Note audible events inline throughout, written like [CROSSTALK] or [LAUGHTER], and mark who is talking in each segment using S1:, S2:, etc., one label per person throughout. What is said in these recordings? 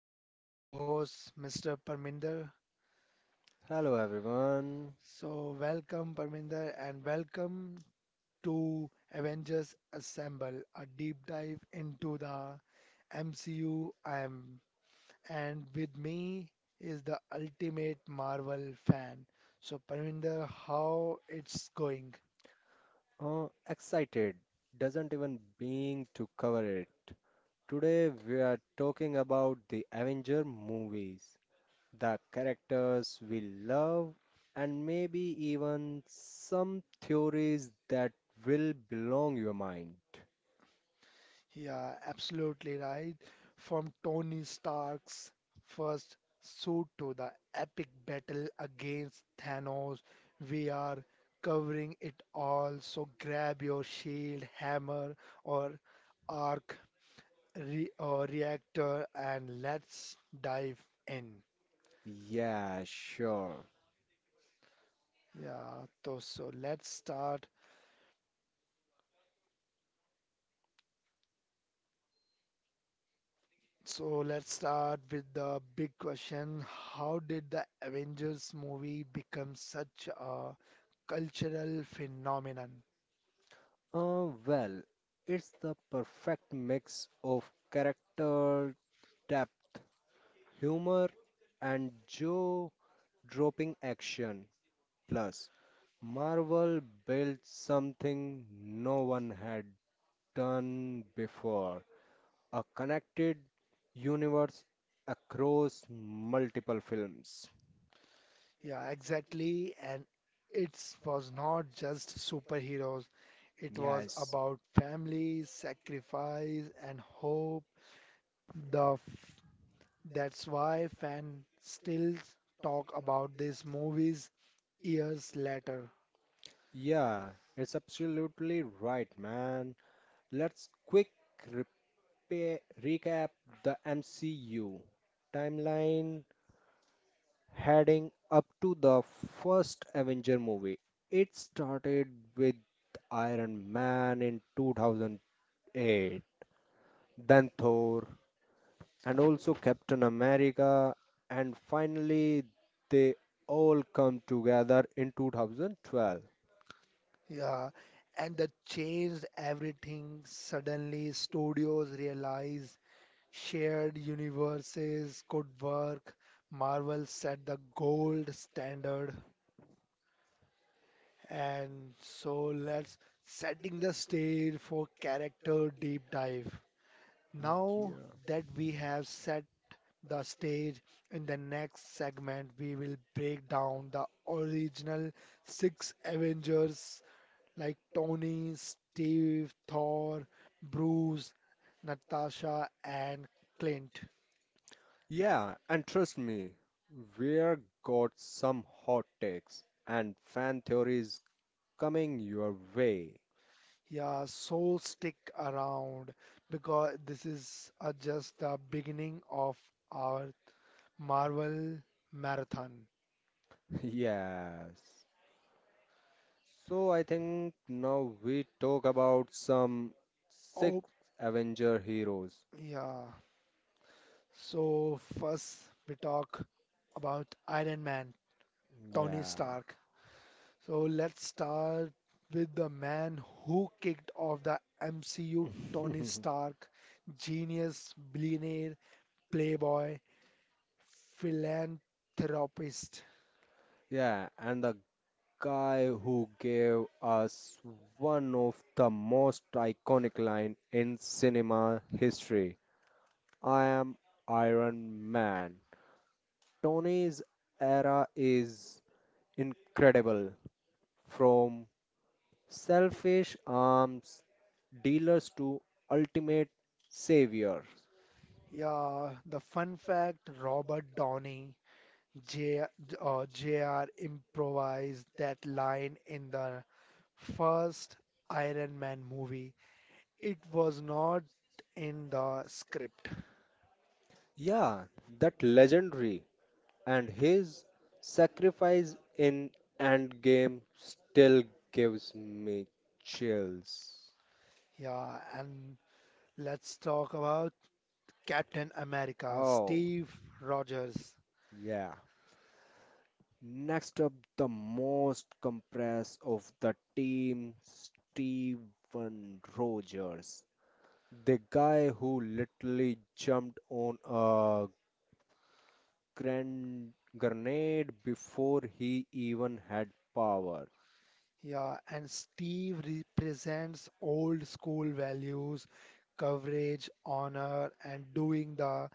S1: today my co-host Mr. Parminder.
S2: Hello everyone.
S1: So welcome Parminder and welcome to Avengers Assemble, a deep dive into the MCU. I'm and with me is the ultimate Marvel fan. So Parminder, how it's going?
S2: Excited doesn't even being to cover it. Today we are talking about the Avenger movies, the characters we love, and maybe even some theories that will belong your mind.
S1: Yeah, absolutely right. From Tony Stark's first suit to the epic battle against Thanos, we are covering it all. So grab your shield, hammer, or arc re or reactor and let's dive in.
S2: Yeah, sure.
S1: Yeah, so let's start. So let's start with the big question. How did the Avengers movie become such a cultural phenomenon?
S2: Well, it's the perfect mix of character depth, humor, and jaw-dropping action. Plus, Marvel built something no one had done before, a connected universe across multiple films.
S1: Yeah, exactly. And it was not just superheroes, it was
S2: Yes.
S1: about family, sacrifice, and hope. The f- that's why fans still talk about these movies years later.
S2: Yeah, it's absolutely right, man. Let's quick repa recap the MCU timeline heading up to the first Avenger movie. It started with Iron Man in 2008, then Thor, and also Captain America, and finally they all come together in 2012.
S1: Yeah, and that changed everything. Suddenly, studios realized shared universes could work. Marvel set the gold standard. And so let's setting the stage for character deep dive. Now that we have set the stage, in the next segment we will break down the original six Avengers like Tony, Steve, Thor, Bruce, Natasha and Clint.
S2: Yeah, and trust me, we're got some hot takes and fan theories coming your way.
S1: Yeah, so stick around because this is just the beginning of our Marvel Marathon.
S2: [LAUGHS] Yes. So I think now we talk about some six
S1: Oh,
S2: Avenger heroes.
S1: yeah. So, first we talk about Iron Man, Tony
S2: Yeah.
S1: Stark. So, let's start with the man who kicked off the MCU, Tony
S2: [LAUGHS]
S1: Stark. Genius, billionaire, playboy, philanthropist.
S2: Yeah, and the guy who gave us one of the most iconic line in cinema history. I am Iron Man. Tony's era is incredible. From selfish arms dealers to ultimate savior.
S1: Yeah, the fun fact Robert Downey. J, JR improvised that line in the first Iron Man movie. It was not in the script.
S2: Yeah, that legendary and his sacrifice in Endgame still gives me chills.
S1: Yeah, and let's talk about Captain America,
S2: Oh,
S1: Steve Rogers.
S2: yeah. Next up, the most compressed of the team, Steven Rogers, the guy who literally jumped on a grenade before he even had power.
S1: Yeah, and Steve represents old school values, coverage, honor, and doing the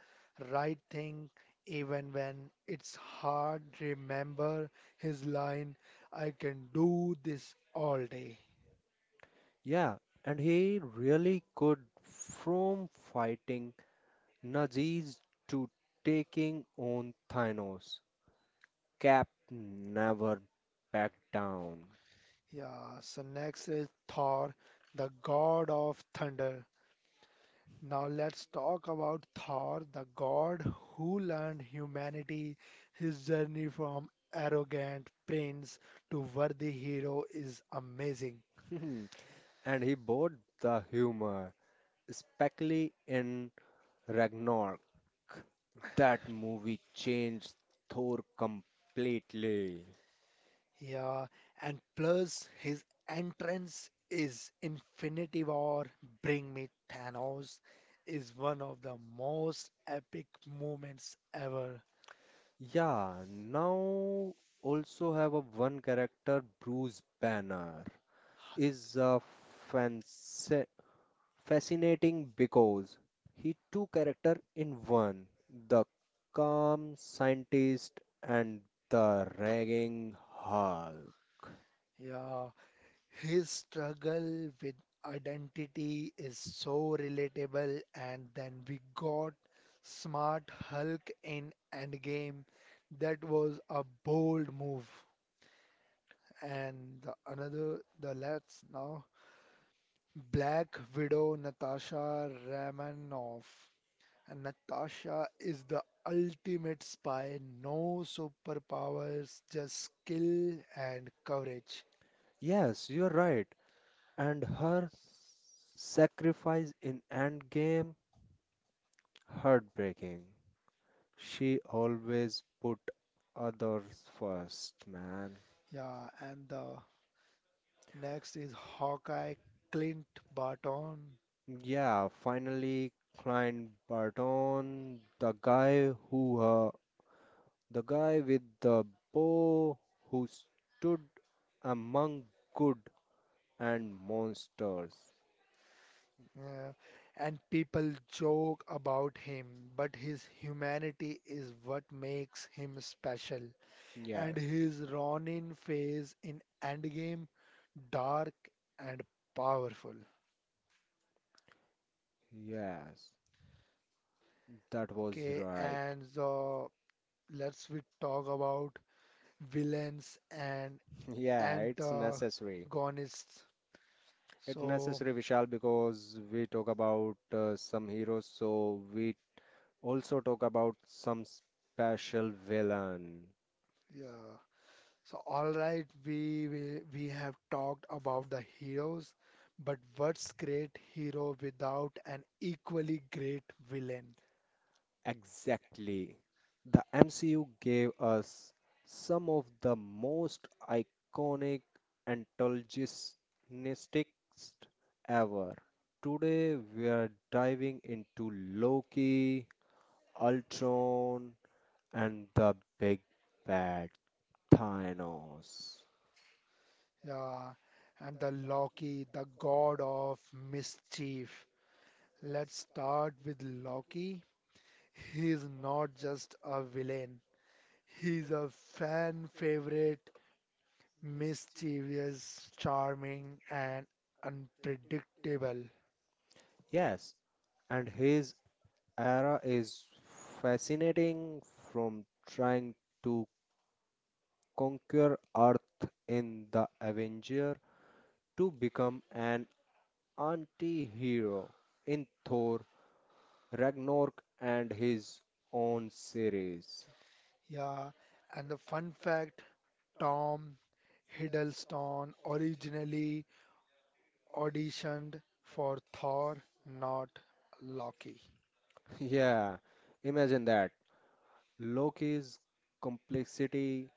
S1: right thing even when it's hard. Remember his line, I can do this all day.
S2: Yeah, and he really could, from fighting Nazis to taking on Thanos. Cap never backed down.
S1: Yeah, so next is Thor, the god of thunder. Now let's talk about Thor, the god who learned humanity. His journey from arrogant prince to worthy hero is amazing.
S2: [LAUGHS] And he bought the humor, especially in Ragnarok. That movie changed Thor completely.
S1: Yeah, and plus his entrance is Infinity War, Bring Me Thanos is one of the most epic moments ever.
S2: Yeah, now also have a one character. Bruce Banner is a fanci- fascinating because he two character in one, the calm scientist and the ragging Hulk.
S1: Yeah, his struggle with identity is so relatable, and then we got Smart Hulk in Endgame. That was a bold move. And the another, the let's now Black Widow Natasha Romanoff. And Natasha is the ultimate spy, no superpowers, just skill and courage.
S2: Yes, you're right. And her sacrifice in Endgame, heartbreaking. She always put others first, man.
S1: Yeah, and the next is Hawkeye Clint Barton.
S2: Yeah, finally, Clint Barton, the guy who, the guy with the bow who stood among good and monsters.
S1: Yeah, and people joke about him, but his humanity is what makes him special. And
S2: Yes,
S1: his Ronin phase in Endgame, dark and powerful.
S2: yes, that was
S1: Okay,
S2: right.
S1: and so let's we talk about villains and
S2: [LAUGHS] Yeah, it's necessary.
S1: antagonists.
S2: It's
S1: So,
S2: necessary, Vishal, because we talk about some heroes, so we also talk about some special villain.
S1: yeah. So, all right, we have talked about the heroes, but what's great hero without an equally great villain?
S2: Exactly. The MCU gave us some of the most iconic antagonists ever. Today we are diving into Loki, Ultron, and the big bad Thanos.
S1: Yeah, and the Loki, the god of mischief. Let's start with Loki. He's not just a villain. He's a fan favorite, mischievous, charming, and unpredictable.
S2: Yes, and his era is fascinating, from trying to conquer Earth in the Avenger to become an anti-hero in Thor Ragnarok and his own series.
S1: Yeah, and the fun fact Tom Hiddleston originally auditioned for Thor, not Loki.
S2: [LAUGHS] Yeah, imagine that. Loki's complexity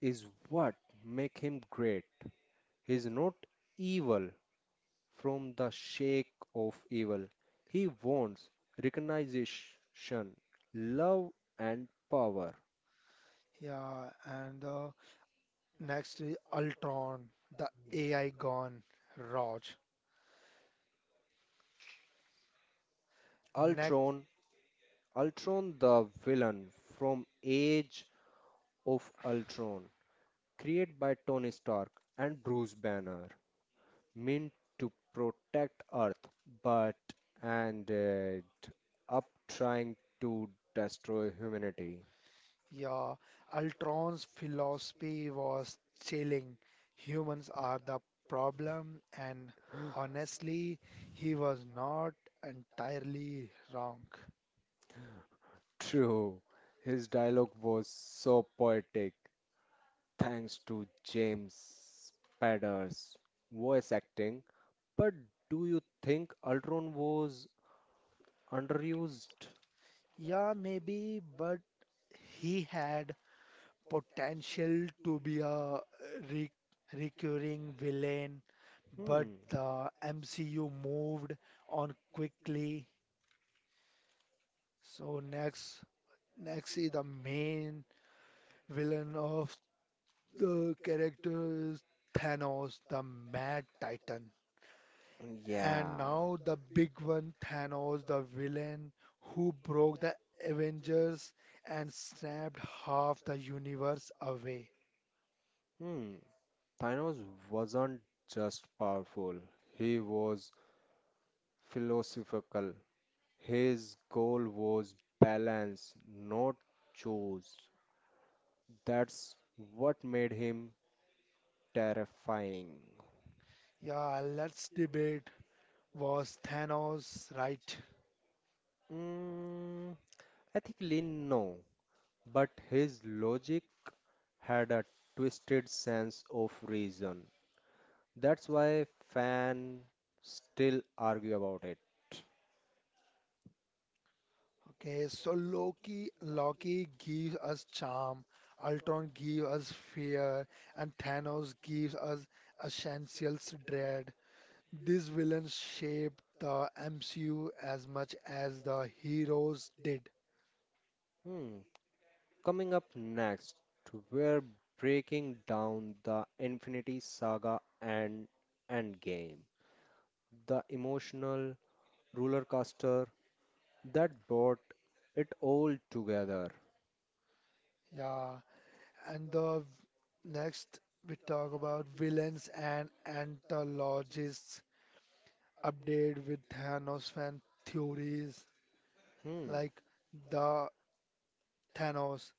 S2: is what make him great. He's not evil from the shake of evil. He wants recognition, love and power.
S1: Yeah, and next is Ultron, the AI gone, Raj. Next,
S2: Ultron, Ultron the villain from Age of Ultron, created by Tony Stark and Bruce Banner, meant to protect Earth, but ended up trying to destroy humanity.
S1: yeah, Ultron's philosophy was chilling. Humans are the problem, and
S2: [GASPS]
S1: honestly, he was not entirely wrong.
S2: True, his dialogue was so poetic thanks to James Spader's voice acting. But do you think Ultron was underused?
S1: Yeah, maybe, but he had potential to be a re- recurring villain, but
S2: Hmm,
S1: the MCU moved on quickly. So next, next is the main villain of the character is Thanos, the Mad Titan. And
S2: yeah.
S1: now the big one, Thanos, the villain who broke the Avengers and snapped half the universe away.
S2: Hmm. Thanos wasn't just powerful, he was philosophical. His goal was balance, not choice. That's what made him terrifying.
S1: Yeah, let's debate was Thanos, right?
S2: Mm, ethically, no, but his logic had a twisted sense of reason. That's why fans still argue about it.
S1: Okay, so Loki gives us charm, Ultron gives us fear, and Thanos gives us essentials dread. These villains shaped the MCU as much as the heroes did.
S2: Hmm. Coming up next, we're breaking down the Infinity Saga and Endgame, the emotional roller coaster that brought it all together.
S1: Yeah, and the next we talk about villains and anthologists update with Thanos fan theories
S2: Hmm.
S1: like the Thanos,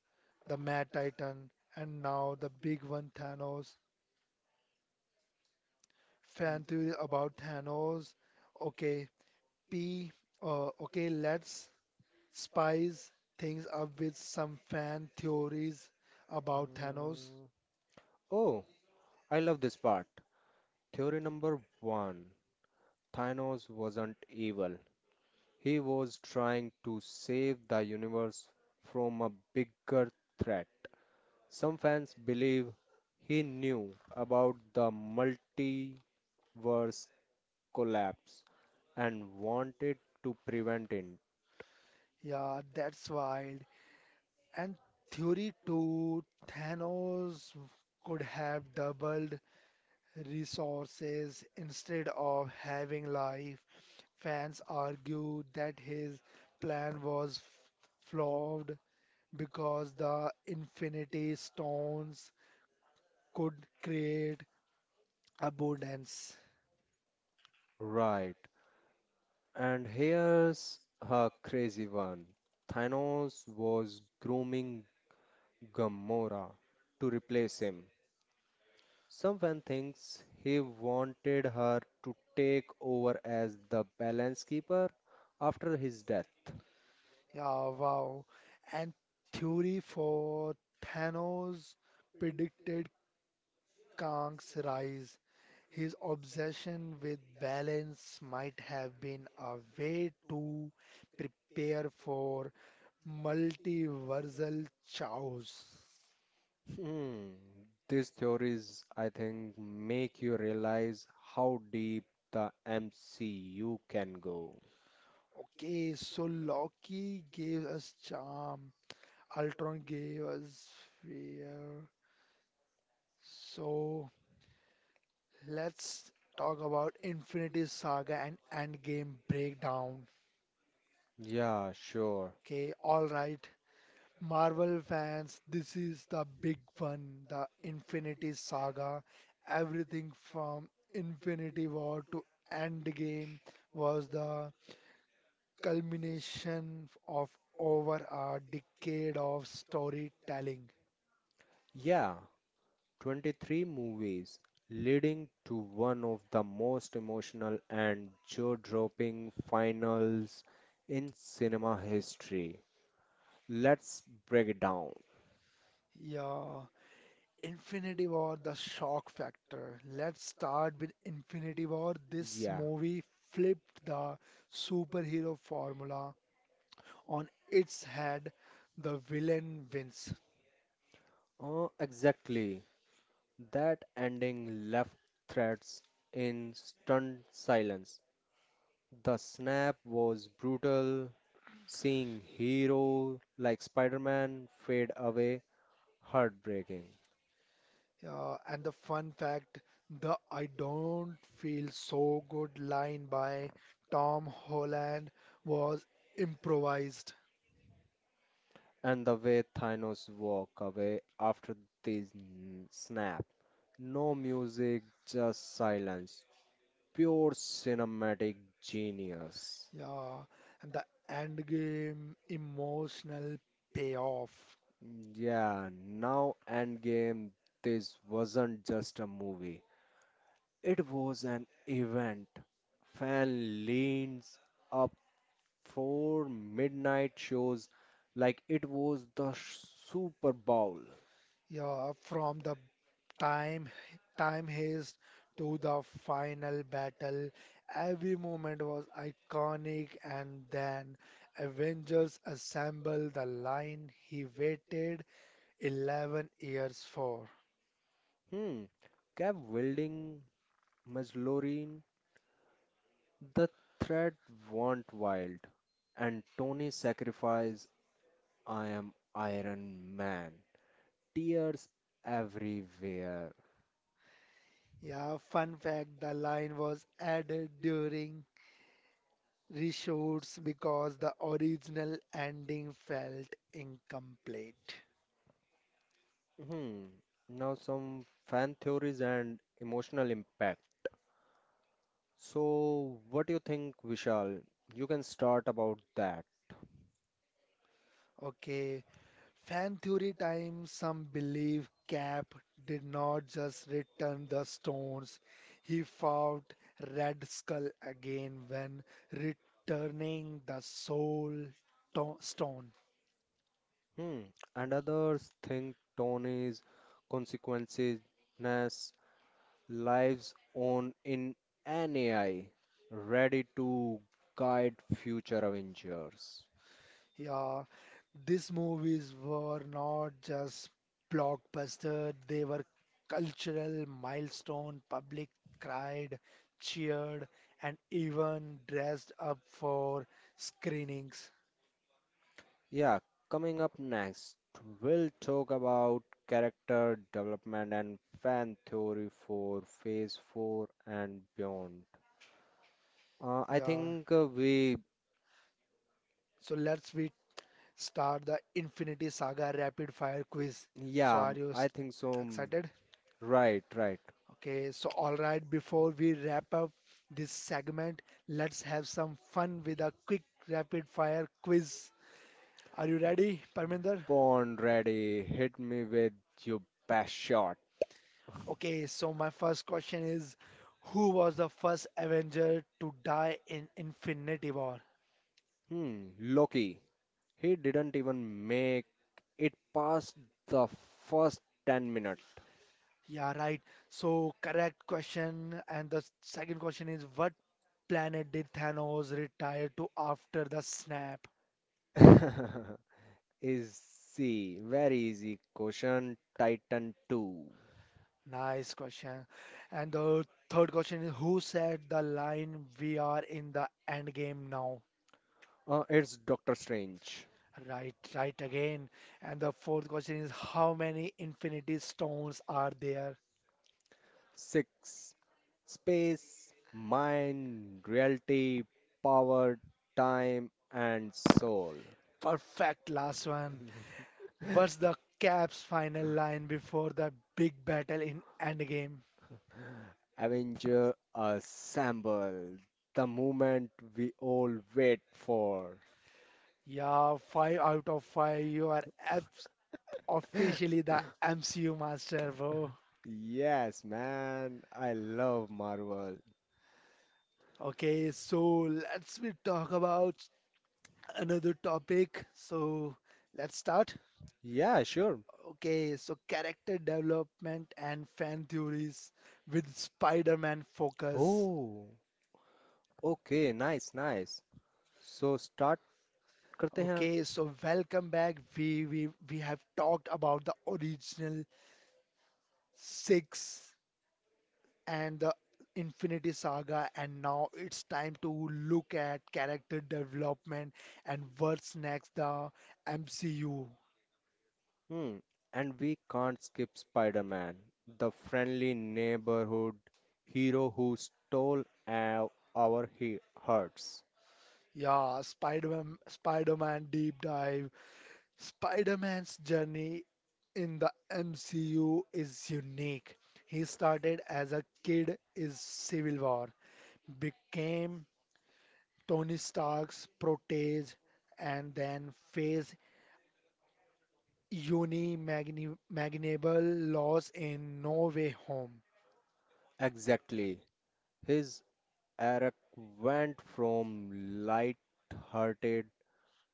S1: the Mad Titan, and now the big one, Thanos. Fan theory about Thanos. Okay, P. Okay, let's spice things up with some fan theories about Thanos.
S2: Mm. Oh, I love this part. Theory number one, Thanos wasn't evil. He was trying to save the universe from a bigger threat. Some fans believe he knew about the multiverse collapse and wanted to prevent it.
S1: Yeah, that's wild. And theory two, Thanos could have doubled resources instead of having life. Fans argue that his plan was f- flawed because the Infinity Stones could create abundance.
S2: Right. And here's a crazy one. Thanos was grooming Gamora to replace him. Some fan thinks he wanted her to take over as the balance keeper after his death.
S1: Yeah, wow. And theory for Thanos predicted Kang's rise. His obsession with balance might have been a way to prepare for Multiversal chaos.
S2: Hmm. These theories, I think, make you realize how deep the MCU can go.
S1: Okay, so Loki gave us charm, Ultron gave us fear. So let's talk about Infinity Saga and Endgame breakdown.
S2: Yeah, sure.
S1: Okay, all right, Marvel fans, this is the big one, the Infinity Saga. Everything from Infinity War to Endgame was the culmination of over a decade of storytelling.
S2: Yeah, 23 movies, leading to one of the most emotional and jaw-dropping finals in cinema history. Let's break it down.
S1: Yeah, Infinity War, the shock factor. Let's start with Infinity War. This
S2: Yeah,
S1: movie flipped the superhero formula on its head. The villain wins.
S2: exactly. That ending left threats in stunned silence. The snap was brutal, seeing hero like Spider-Man fade away, heartbreaking.
S1: Yeah, and the fun fact, the I don't feel so good line by Tom Holland was improvised.
S2: And the way Thanos walk away after this snap. No music, just silence. Pure cinematic genius.
S1: Yeah, and the end game emotional payoff.
S2: Yeah, now Endgame, this wasn't just a movie. It was an event. Fan leans up for midnight shows like it was the Super Bowl.
S1: Yeah, from the time time haste to the final battle, every moment was iconic. And then Avengers assemble the line he waited 11 years for.
S2: Hmm. Kept wielding Majlorin, the threat went wild. And Tony sacrifice, I am Iron Man. Tears everywhere.
S1: Yeah, fun fact, the line was added during reshoots because the original ending felt incomplete.
S2: Hmm. Now some fan theories and emotional impact. So, what do you think, Vishal? You can start about that.
S1: Okay, fan theory time. Some believe Cap did not just return the stones, he fought Red Skull again when returning the stone.
S2: Hmm. And others think tone is consequences, ness, lives on in an AI, ready to guide future Avengers.
S1: Yeah, these movies were not just blockbuster, they were cultural milestone. Public cried, cheered, and even dressed up for screenings.
S2: Yeah, coming up next, we'll talk about character development and fan theory for Phase 4 and beyond. Uh, I
S1: Yeah.
S2: think uh, we,
S1: So let's we start the Infinity Saga rapid fire quiz. So
S2: yeah, I think so.
S1: excited?
S2: Right, right.
S1: Okay, so all right, before we wrap up this segment, let's have some fun with a quick rapid fire quiz. Are you ready, Parminder?
S2: Born ready. Hit me with your best shot.
S1: Okay, so my first question is who was the first Avenger to die in Infinity War?
S2: Hmm, Loki. He didn't even make it past the first 10 minutes.
S1: Yeah, right. So correct question. And the second question is what planet did Thanos retire to after the snap?
S2: [LAUGHS] Easy, very easy question. Titan 2.
S1: Nice question. And the third question is who said the line we are in the end game now?
S2: It's Doctor Strange.
S1: Right, right again. And the fourth question is how many infinity stones are there?
S2: 6. Space, mind, reality, power, time, and soul.
S1: Perfect last one.
S2: [LAUGHS]
S1: What's the Cap's final line before the big battle in Endgame?
S2: Avenger Assemble, the moment we all wait for.
S1: Yeah, five out of five. You are abs- officially the MCU master, bro.
S2: Yes, man, I love Marvel.
S1: Okay, so let's we talk about another topic. So let's start.
S2: Yeah, sure.
S1: Okay, so character development and fan theories with Spider-Man focus.
S2: Oh, okay, nice, nice. So start करते हैं.
S1: Okay, so welcome back. We have talked about the original six and the Infinity Saga, and now it's time to look at character development and what's next, the MCU.
S2: Hmm. And we can't skip Spider-Man, the friendly neighborhood hero who stole our, our he hearts.
S1: Yeah, Spider-Man Deep Dive. Spider-Man's journey in the MCU is unique. He started as a kid in Civil War, became Tony Stark's protege, and then faced unimaginable loss in No Way Home.
S2: Exactly. His arc went from light-hearted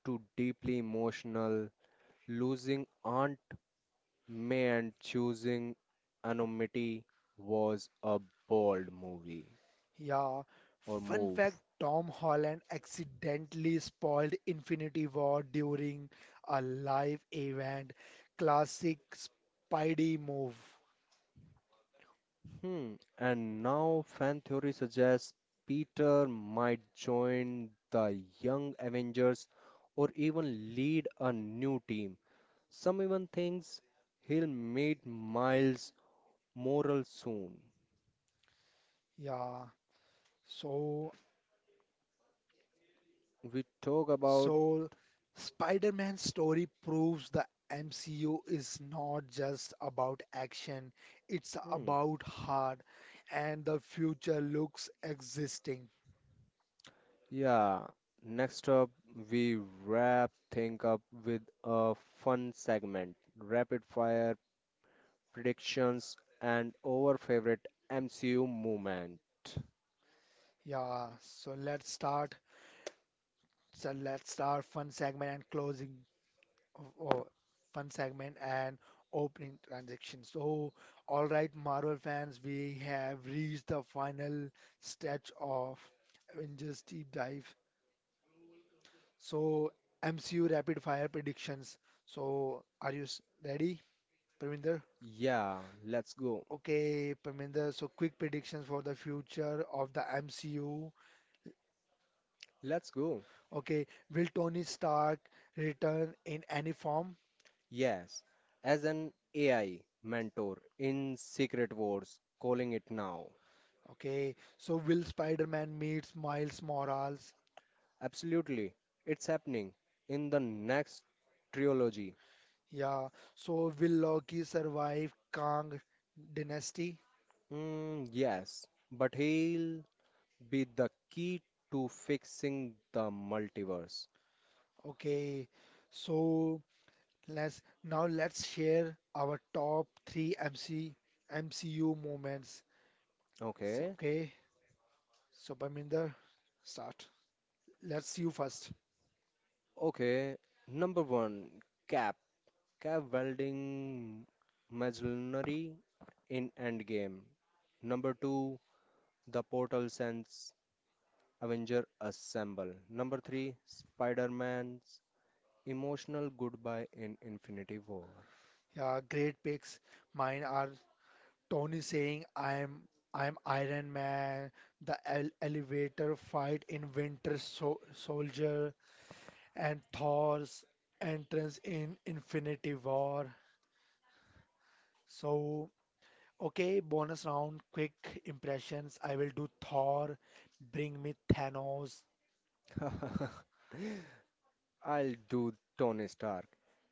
S2: to deeply emotional. Losing Aunt May and choosing anonymity was a bold movie
S1: Yeah.
S2: or
S1: Fun
S2: move.
S1: fact, Tom Holland accidentally spoiled Infinity War during a live event. Classic Spidey move.
S2: Hmm. And now fan theory suggests Peter might join the Young Avengers or even lead a new team. Some even thinks he'll meet Miles moral soon.
S1: Yeah. So,
S2: We talk about,
S1: so Spider-Man's story proves the MCU is not just about action, it's
S2: hmm,
S1: about heart and the future looks existing.
S2: yeah, next up, we wrap things up with a fun segment, rapid fire predictions and our favorite MCU moment.
S1: Yeah, so let's start. So let's start fun segment and closing. Of fun segment and opening transaction. So, all right, Marvel fans, we have reached the final stretch of Avengers deep dive. So, MCU rapid fire predictions. So, ready, Parminder?
S2: Yeah, let's go.
S1: Okay, Parminder. So, quick predictions for the future of the MCU.
S2: Let's go.
S1: Okay, will Tony Stark return in any form?
S2: Yes, as an AI mentor in Secret Wars, calling it now.
S1: Okay, so will Spider-Man meets Miles Morales?
S2: Absolutely, it's happening in the next trilogy.
S1: Yeah, so will Loki survive Kang dynasty?
S2: Mm, yes, but he'll be the key to fixing the multiverse.
S1: Okay, so let's now let's share our top three MC MCU moments. So,
S2: Okay,
S1: okay, so Parminder, start. Let's you first.
S2: okay. Number one, Cap. Cap welding machinery in Endgame. Number two, the portal sends Avenger Assemble. Number three, Spider-Man's emotional goodbye in Infinity War.
S1: Yeah, great picks. Mine are Tony saying I'm Iron Man, the el elevator fight in Winter Sol Soldier, and Thor's entrance in Infinity War. So, okay, bonus round, quick impressions. I will do Thor, bring me Thanos.
S2: [LAUGHS] I'll do Tony Stark.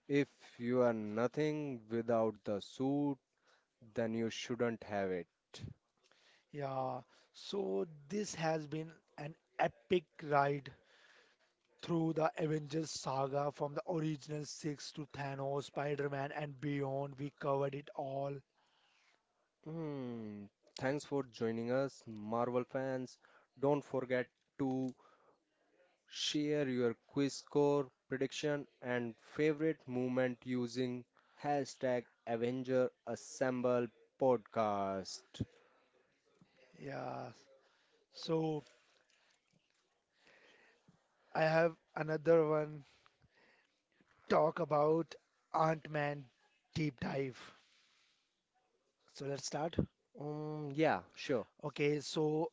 S2: If you are nothing without the suit, then you shouldn't have it.
S1: Yeah, so this has been an epic ride through the Avengers saga from the original six to Thanos, Spider Man, and beyond. We covered it all.
S2: Hmm. Thanks for joining us, Marvel fans. Don't forget to share your quiz score, prediction, and favorite movement using hashtag Avenger Assemble Podcast.
S1: Yeah, so I have another one talk about Ant Man deep dive. So let's start.
S2: Yeah, sure.
S1: Okay, so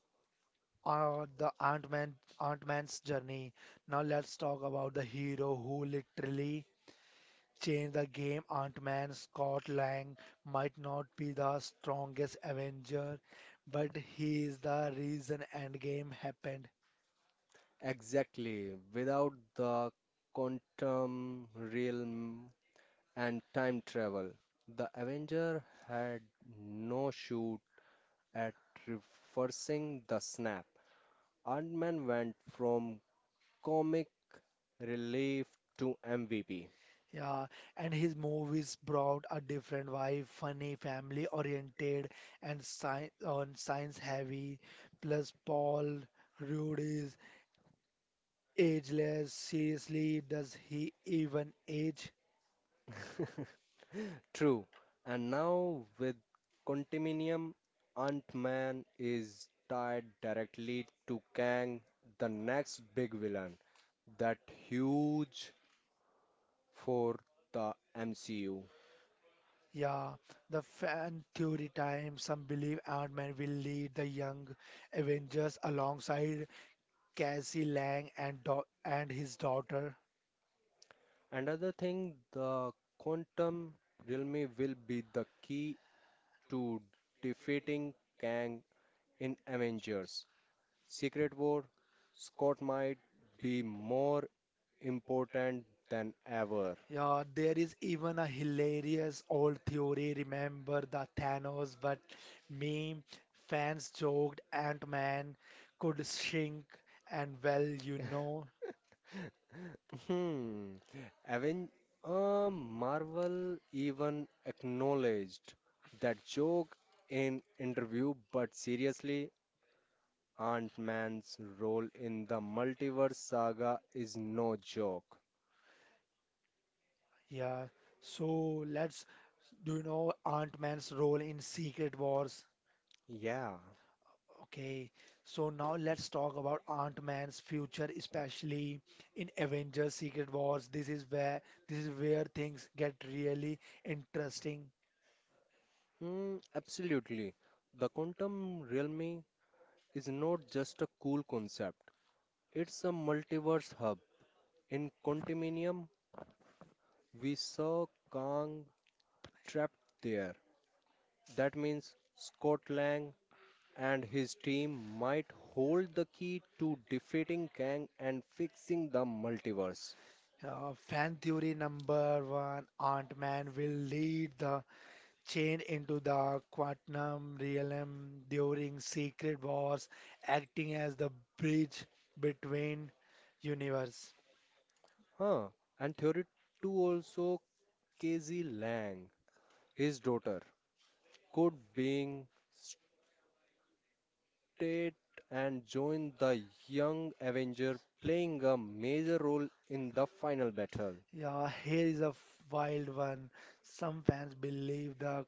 S1: uh, the Ant Man, Ant Man's journey. Now let's talk about the hero who literally changed the game. Ant Man Scott Lang might not be the strongest Avenger, but he is the reason Endgame happened.
S2: Exactly. Without the quantum realm and time travel. The Avenger had no shoot at reversing the snap. Iron Man went from comic relief to MVP.
S1: Yeah, and his movies brought a different vibe, funny, family oriented, and science heavy. Plus, Paul Rudd Ageless, seriously, does he even age?
S2: True, and now with Contiminium, Ant Man is tied directly to Kang, the next big villain. That huge for the MCU.
S1: Yeah, the fan theory time. Some believe Ant Man will lead the young Avengers alongside Cassie Lang and his daughter.
S2: Another thing, the quantum realm will be the key to defeating Kang in Avengers. Secret War, Scott might be more important than ever.
S1: Yeah, there is even a hilarious old theory. Remember the Thanos but meme? Fans joked Ant Man could shrink, and well, you know.
S2: Hmm. Aven- Marvel even acknowledged that joke in interview, but seriously, Ant-Man's role in the multiverse saga is no joke.
S1: Yeah, so let's Do you know Ant-Man's role in Secret Wars?
S2: Yeah.
S1: Okay, so now let's talk about Ant-Man's future, especially in Avengers Secret Wars. This is where things get really interesting.
S2: Mm, absolutely. The quantum realm is not just a cool concept, it's a multiverse hub. In Quantuminium, we saw Kang trapped there. That means Scott Lang and his team might hold the key to defeating Kang and fixing the multiverse.
S1: Fan theory number one, Ant-Man will lead the chain into the quantum realm during Secret Wars, acting as the bridge between universe.
S2: Huh. And theory 2 also Casey Lang, his daughter, could being rotate and join the young Avenger, playing a major role in the final battle.
S1: Yeah, here is a wild one. Some fans believe the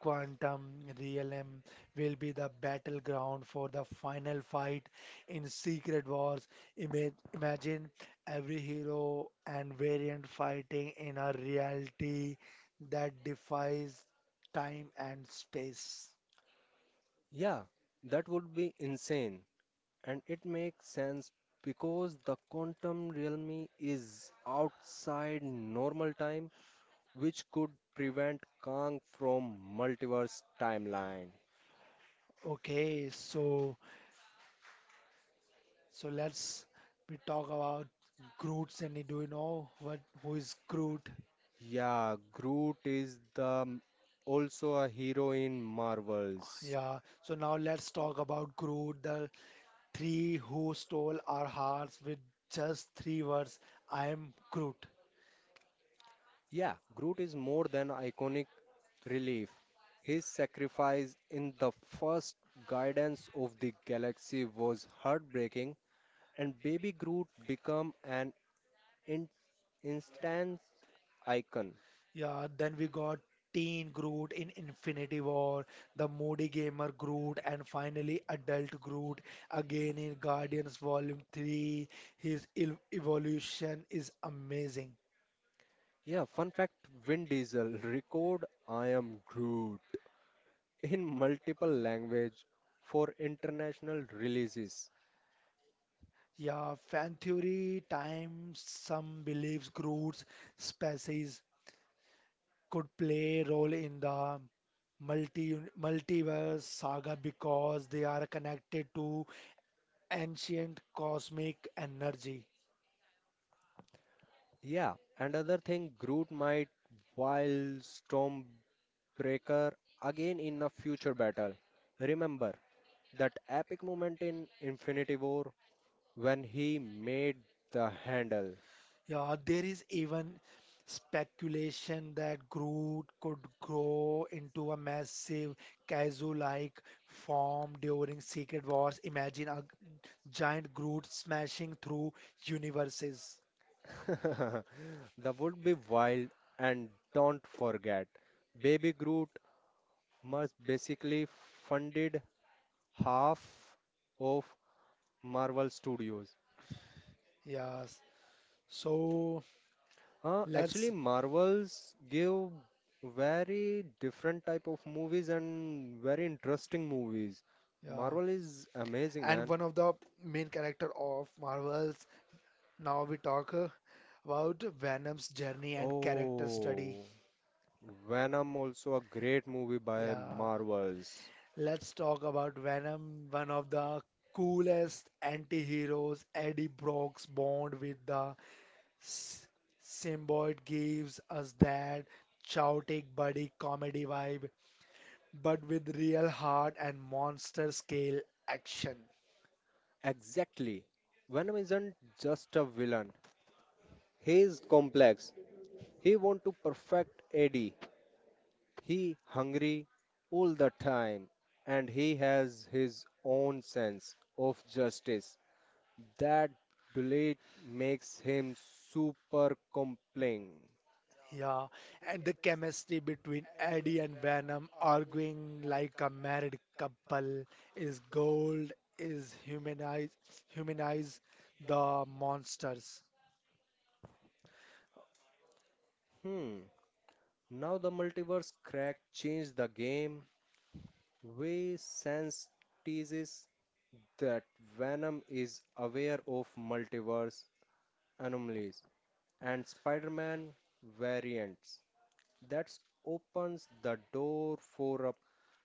S1: Quantum realm will be the battleground for the final fight in Secret Wars. Imagine every hero and variant fighting in a reality that defies time and space.
S2: Yeah, that would be insane. And it makes sense because the quantum realm is outside normal time, which could prevent Kang from multiverse timeline.
S1: Okay, so let's we talk about Groot, Sandy. Do you know what who is Groot?
S2: Yeah, Groot is the also a hero in Marvels.
S1: Yeah, so now let's talk about Groot, the three who stole our hearts with just three words, I am Groot.
S2: Yeah, Groot is more than iconic relief. His sacrifice in the first Guardians of the Galaxy was heartbreaking, and Baby Groot became an in- instance icon.
S1: Yeah, then we got Teen Groot in Infinity War, the Moody Gamer Groot, and finally Adult Groot again in Guardians Volume 3. His evolution is amazing.
S2: Yeah, fun fact: Vin Diesel record "I am Groot" in multiple language for international releases.
S1: Yeah, fan theory time some believes Groot's species could play a role in the multiverse saga because they are connected to ancient cosmic energy.
S2: Yeah, another thing, Groot might while Stormbreaker again in a future battle. Remember that epic moment in Infinity War when he made the handle.
S1: Yeah, there is even speculation that Groot could grow into a massive Kaiju-like form during Secret Wars. Imagine a giant Groot smashing through universes.
S2: [LAUGHS] That would be wild. And don't forget, Baby Groot must basically funded half of Marvel Studios.
S1: Yes. So
S2: Actually,
S1: let's
S2: Marvels give very different type of movies and very interesting movies.
S1: yeah.
S2: Marvel is amazing,
S1: And
S2: man.
S1: one of the main character of Marvels. Now we talk. About Venom's journey and character study.
S2: Oh. Venom also a great movie by
S1: Yeah,
S2: Marvels.
S1: let's talk about Venom, one of the coolest anti-heroes. Eddie Brock's bond with the s- symbiote gives us that chaotic buddy comedy vibe, but with real heart and monster scale action.
S2: Exactly. Venom isn't just a villain. He is complex. He want to perfect Eddie. He hungry all the time and he has his own sense of justice. That duality makes him super compelling.
S1: Yeah, and the chemistry between Eddie and Venom arguing like a married couple is gold, is humanize the monsters.
S2: Hmm. Now the multiverse crack changed the game. We sense teases that Venom is aware of multiverse anomalies and Spider Man variants. That opens the door for a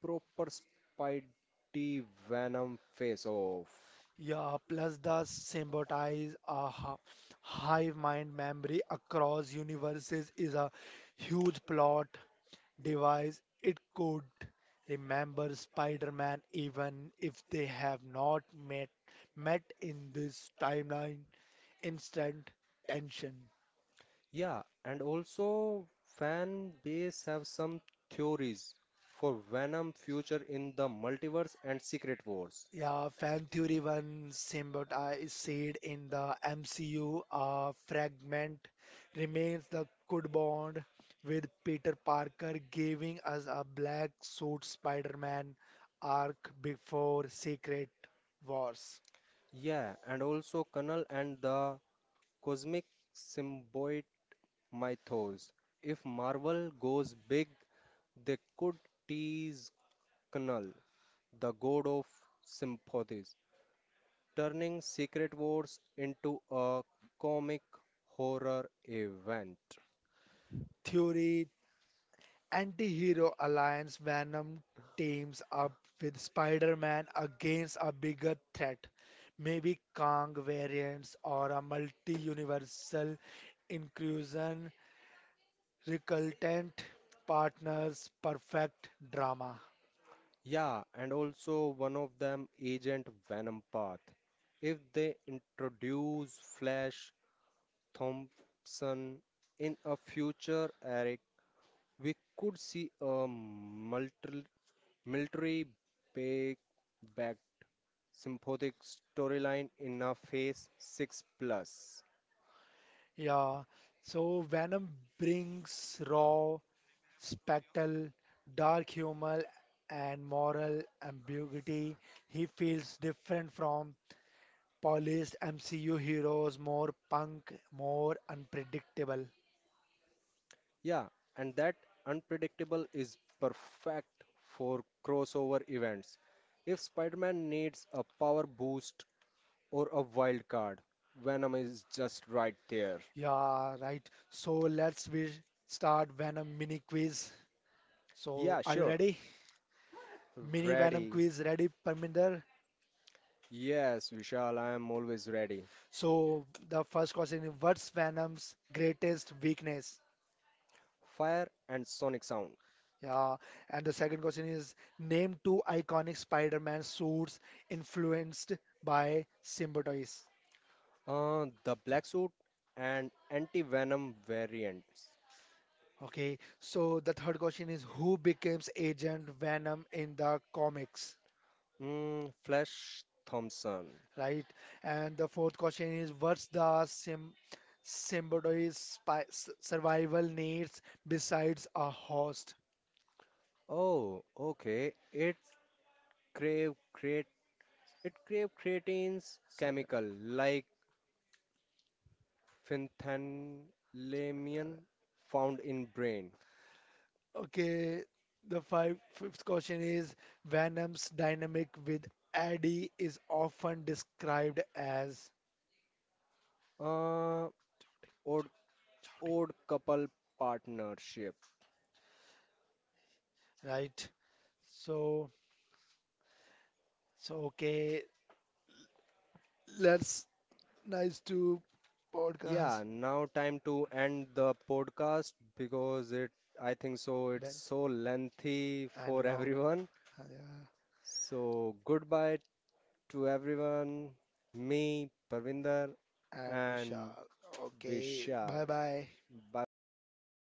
S2: proper Spidey Venom face off.
S1: Yeah, plus the symbiotize a hive mind memory across universes is a huge plot device. It could remember Spider-Man even if they have not met met in this timeline. Instant tension.
S2: Yeah, and also fan base have some theories for Venom future in the multiverse and Secret Wars.
S1: Yeah, Fan Theory 1 Same, I said in the MCU fragment remains the good bond with Peter Parker giving us a black suit Spider-Man arc before Secret Wars.
S2: Yeah, and also Colonel and the cosmic symbiote my toes. If Marvel goes big, they could tease Knul, the god of sympathies, turning Secret Wars into a comic horror event.
S1: Theory anti-hero alliance Venom teams up with Spider-Man against a bigger threat, maybe Kang variants or a multi-universal inclusion recalcitrant partners perfect drama.
S2: Yeah, and also one of them, Agent Venompath. If they introduce Flash Thompson in a future Eric, we could see a military big back sympathetic storyline in a Phase 6 Plus.
S1: Yeah. So Venom brings raw spectral, dark humor and moral ambiguity. He feels different from polished MCU heroes, more punk, more unpredictable.
S2: Yeah, and that unpredictable is perfect for crossover events. If Spider Man needs a power boost or a wild card, Venom is just right there.
S1: Yeah, right. So let's we start Venom mini quiz. So
S2: Yeah,
S1: are you
S2: sure.
S1: ready? Mini Venom
S2: Ready.
S1: quiz ready, Parminder?
S2: Yes, Vishal, I am always ready.
S1: So the first question is what's Venom's greatest weakness?
S2: Fire and sonic sound.
S1: Yeah, and the second question is name two iconic Spider-Man suits influenced by symbiotes.
S2: The black suit and anti-venom variants.
S1: Okay, so the third question is who becomes Agent Venom in the comics?
S2: Mm, Flash Thompson.
S1: Right? And the fourth question is what's the sim symbiote's survival needs besides a host?
S2: Oh, okay. It crave create it crave creatines
S1: Sort of.
S2: chemical like phenethylamine found in brain.
S1: Okay, the fifth question is Venom's dynamic with Eddie is often described as
S2: Uh, odd Odd couple partnership.
S1: right. So so okay, let's nice to podcast.
S2: Yeah, now time to end the podcast because it I think so it's
S1: Then
S2: so lengthy for
S1: and
S2: [LAUGHS]
S1: long
S2: everyone.
S1: yeah
S2: So goodbye to everyone. Me, Parvinder,
S1: and
S2: and
S1: Vishal. Okay,
S2: Vishal.
S1: bye bye.
S2: Bye bye, guys.